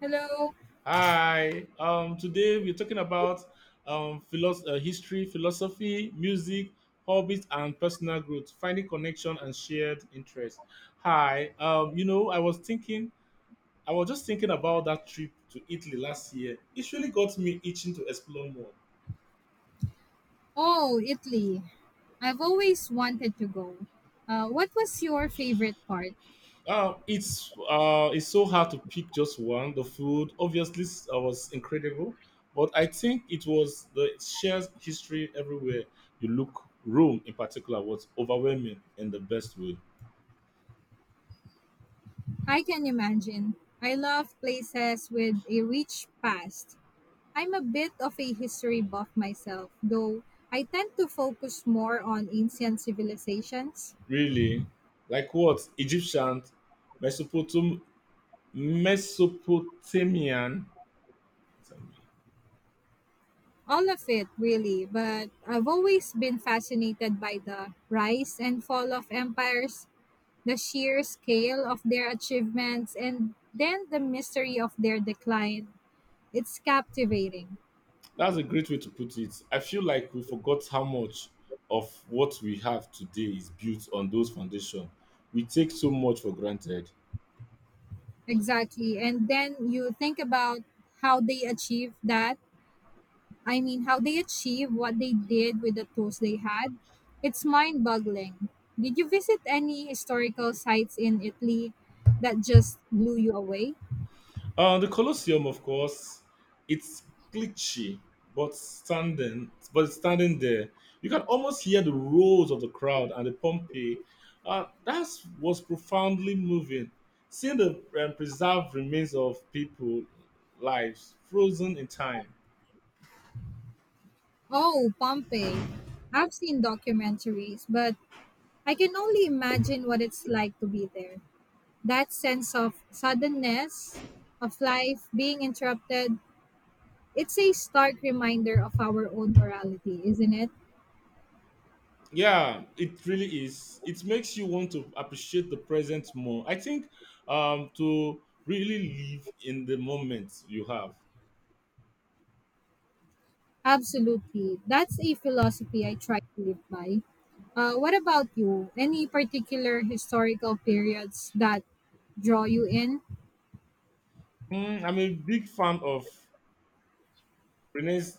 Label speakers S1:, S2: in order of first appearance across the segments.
S1: Hello.
S2: Hi. Today we're talking about history, philosophy, music, hobbies, and personal growth, finding connection and shared interest. Hi. I was just thinking about that trip to Italy last year. It really got me itching to explore more.
S1: Oh, Italy. I've always wanted to go. What was your favorite part?
S2: It's so hard to pick just one. The food obviously was incredible, but I think it was the shared history everywhere you look. Rome, in particular, was overwhelming in the best way.
S1: I can imagine. I love places with a rich past. I'm a bit of a history buff myself, though I tend to focus more on ancient civilizations.
S2: Really, like what? Egyptian, Mesopotam- Mesopotamian.
S1: All of it, really, but I've always been fascinated by the rise and fall of empires, the sheer scale of their achievements, and then the mystery of their decline. It's captivating.
S2: That's a great way to put it. I feel like we forgot how much of what we have today is built on those foundations. We take so much for granted.
S1: Exactly. And then you think about how they achieved that. I mean, how they achieved what they did with the tools they had. It's mind boggling. Did you visit any historical sites in Italy that just blew you away?
S2: The Colosseum, of course, it's glitchy, but it's standing there, you can almost hear the roars of the crowd and the Pompeii. That was profoundly moving. Seeing the preserved remains of people, lives frozen in time.
S1: Oh, Pompeii. I've seen documentaries, but I can only imagine what it's like to be there. That sense of suddenness, of life being interrupted, it's a stark reminder of our own morality, isn't it?
S2: Yeah, it really is. It makes you want to appreciate the present more. I think to really live in the moment you have.
S1: Absolutely, that's a philosophy I try to live by. What about you, any particular historical periods that draw you in?
S2: Mm, I'm a big fan of Renaissance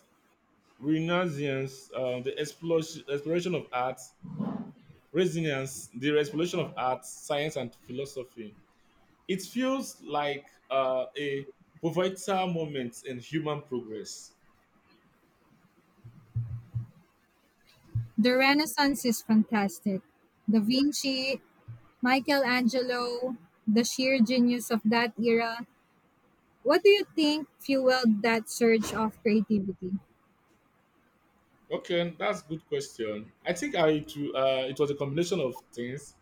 S2: Renaissance, exploration of art, resilience, the exploration of art, science, and philosophy. It feels like a pivotal moment in human progress.
S1: The Renaissance is fantastic. Da Vinci, Michelangelo, the sheer genius of that era. What do you think fueled that surge of creativity?
S2: Okay, that's good question. I think I to, It was a combination of things: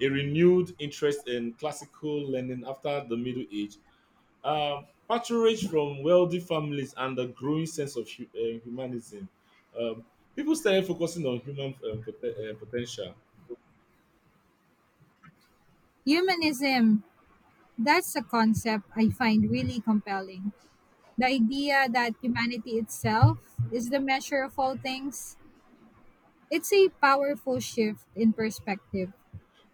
S2: a renewed interest in classical learning after the Middle Age, uh, patronage from wealthy families and the growing sense of humanism. Um, People started focusing on human potential.
S1: Humanism, that's a concept I find really compelling. The idea that humanity itself is the measure of all things. It's a powerful shift in perspective.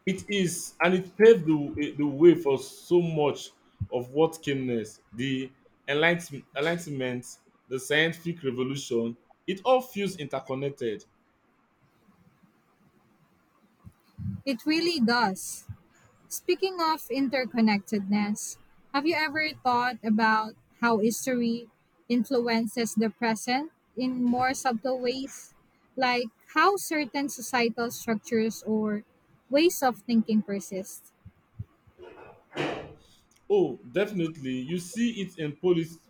S2: It is, and it paved the way for so much of what came next. The enlightenment, the scientific revolution, it all feels interconnected.
S1: It really does. Speaking of interconnectedness, have you ever thought about how history influences the present in more subtle ways? Like how certain societal structures or ways of thinking persist?
S2: Oh, definitely. You see it in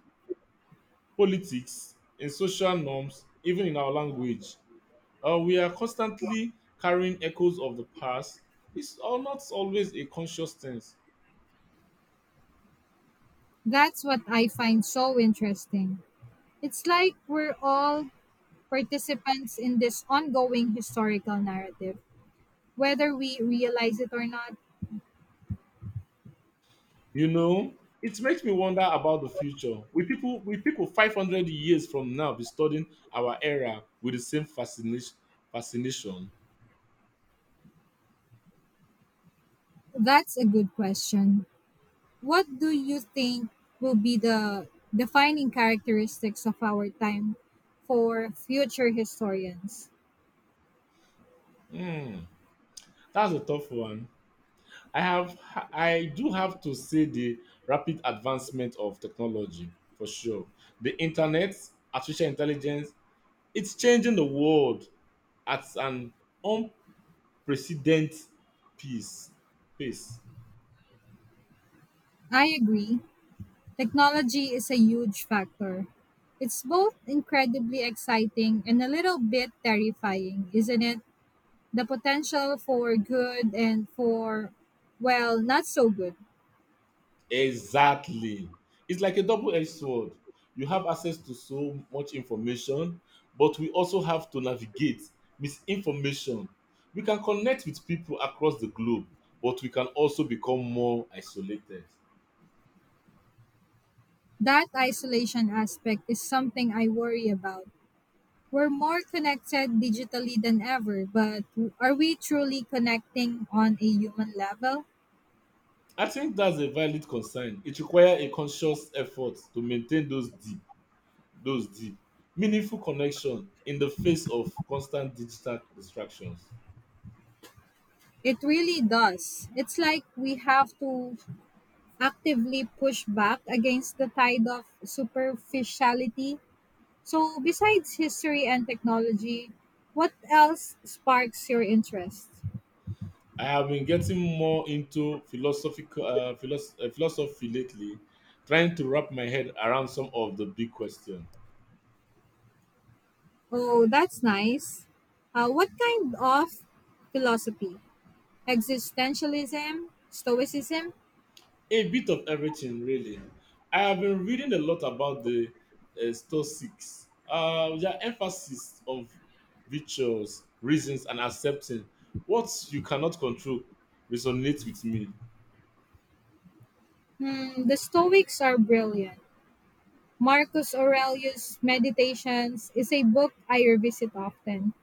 S2: politics, in social norms, even in our language. We are constantly carrying echoes of the past. It's all not always a conscious thing.
S1: That's what I find so interesting. It's like we're all participants in this ongoing historical narrative, whether we realize it or not.
S2: You know, it makes me wonder about the future. Will people 500 years from now be studying our era with the same fascination? Fascination.
S1: That's a good question. What do you think will be the defining characteristics of our time for future historians?
S2: Hmm, that's a tough one. I have, I do have to say the rapid advancement of technology for sure. The internet, artificial intelligence, it's changing the world at an precedent peace pace.
S1: I agree. Technology is a huge factor. It's both incredibly exciting and a little bit terrifying, isn't it? The potential for good and for, well, not so good.
S2: Exactly, it's like a double-edged sword. You have access to so much information, but we also have to navigate misinformation. We can connect with people across the globe, but we can also become more isolated.
S1: That isolation aspect is something I worry about. We're more connected digitally than ever, but are we truly connecting on a human level?
S2: I think that's a valid concern. It requires a conscious effort to maintain those deep meaningful connection in the face of constant digital distractions.
S1: It really does. It's like we have to actively push back against the tide of superficiality. So, besides history and technology, what else sparks your interest?
S2: I have been getting more into philosophy lately, trying to wrap my head around some of the big questions.
S1: Oh, that's nice. What kind of philosophy? Existentialism? Stoicism?
S2: A bit of everything, really. I have been reading a lot about the Stoics, their emphasis on virtues, reasons, and accepting what you cannot control resonates with me.
S1: Hmm, the Stoics are brilliant. Marcus Aurelius' Meditations is a book I revisit often.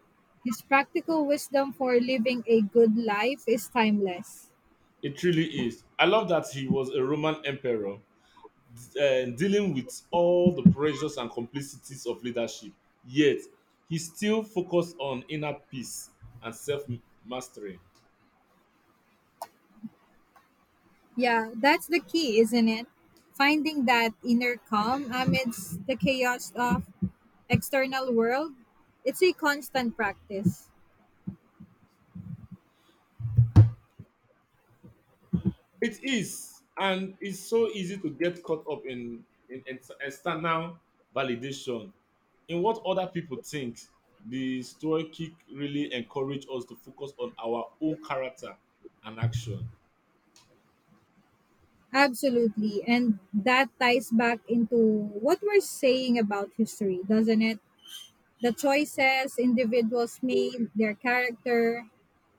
S1: His practical wisdom for living a good life is timeless.
S2: It really is. I love that he was a Roman emperor dealing with all the pressures and complexities of leadership. Yet, he still focused on inner peace and self mastery.
S1: Yeah, that's the key, isn't it? Finding that inner calm amidst the chaos of external world. It's a constant practice.
S2: It is, and it's so easy to get caught up in external validation, in what other people think. The story kick really encourage us to focus on our own character and action.
S1: Absolutely. And that ties back into what we're saying about history, doesn't it? The choices individuals made, their character,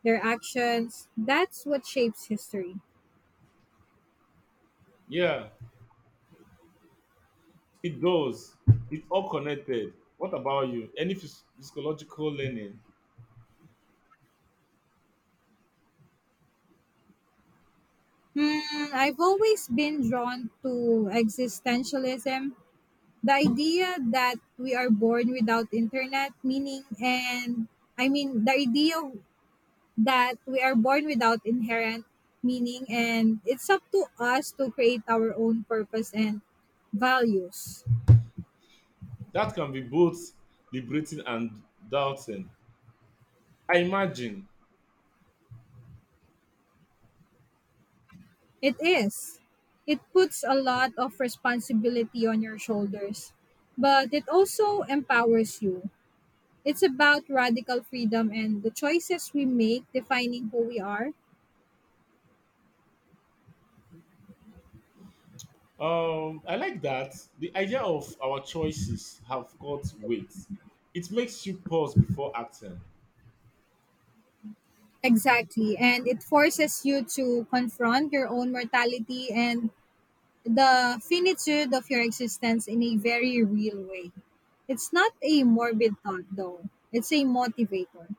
S1: their actions, that's what shapes history.
S2: Yeah, it does. It's all connected. What about you? Any physiological learning?
S1: Hmm, I've always been drawn to existentialism, the idea that we are born without internet, meaning, and the idea that we are born without inherent meaning, and it's up to us to create our own purpose and values.
S2: That can be both liberating and daunting, I imagine.
S1: It is. It puts a lot of responsibility on your shoulders, but it also empowers you. It's about radical freedom and the choices we make defining who we are.
S2: I like that. The idea of our choices have got weight. It makes you pause before acting.
S1: Exactly. And it forces you to confront your own mortality and the finitude of your existence in a very real way. It's not a morbid thought, though, it's a motivator.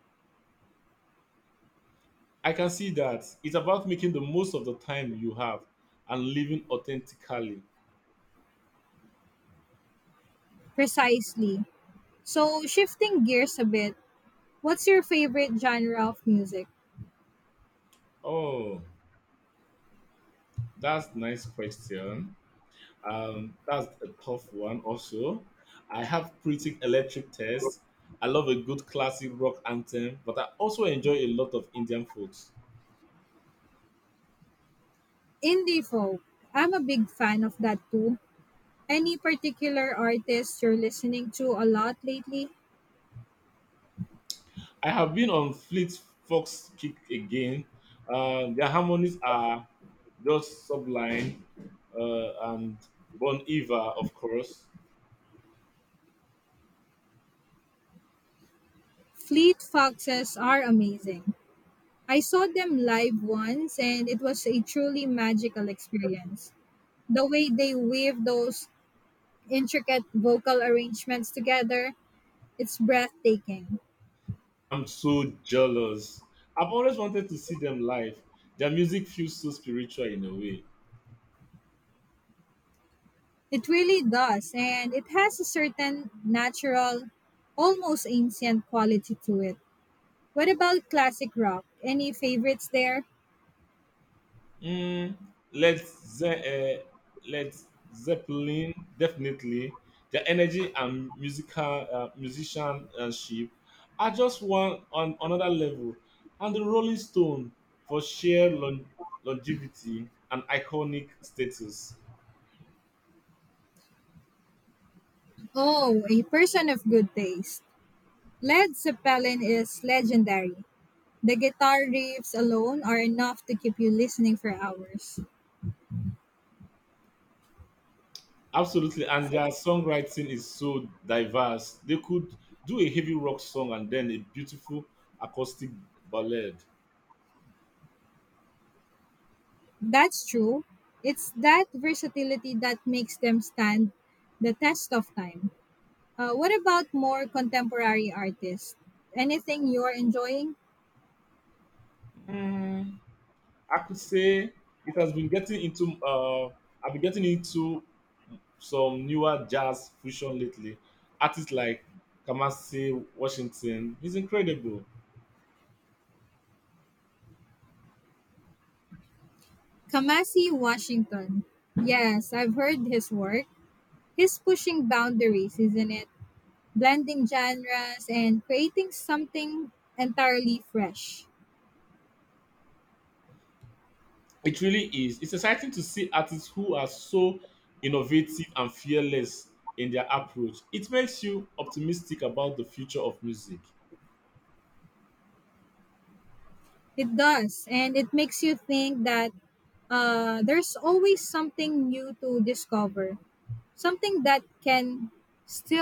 S2: I can see that. It's about making the most of the time you have and living authentically.
S1: Precisely. So, shifting gears a bit, what's your favorite genre of music?
S2: Oh, that's nice question. That's a tough one also. I have pretty electric taste. I love a good classic rock anthem, but I also enjoy a lot of Indian folks.
S1: Indie folk. I'm a big fan of that too. Any particular artists you're listening to a lot lately?
S2: I have been on Fleet Fox kick again. Their harmonies are just sublime. And Bon Iver, of course.
S1: Fleet Foxes are amazing. I saw them live once and it was a truly magical experience. The way they wave those intricate vocal arrangements together, it's breathtaking.
S2: I'm so jealous. I've always wanted to see them live. Their music feels so spiritual in a way.
S1: It really does, and it has a certain natural, almost ancient quality to it. What about classic rock? Any favorites there?
S2: Mm, Led Zeppelin, definitely. Their energy and musical musicianship are just one on another level. And the Rolling Stone for sheer longevity and iconic status.
S1: Oh, a person of good taste. Led Zeppelin is legendary. The guitar riffs alone are enough to keep you listening for hours.
S2: Absolutely, and their songwriting is so diverse. They could do a heavy rock song and then a beautiful acoustic ballad.
S1: That's true. It's that versatility that makes them stand the test of time. What about more contemporary artists? Anything you're enjoying?
S2: Mm, I could say it has been getting into I've been getting into some newer jazz fusion lately. Artists like Kamasi Washington is incredible.
S1: Kamasi Washington. Yes, I've heard his work. He's pushing boundaries, isn't it? Blending genres and creating something entirely fresh.
S2: It really is. It's exciting to see artists who are so innovative and fearless in their approach. It makes you optimistic about the future of music.
S1: It does, and it makes you think that there's always something new to discover, something that can still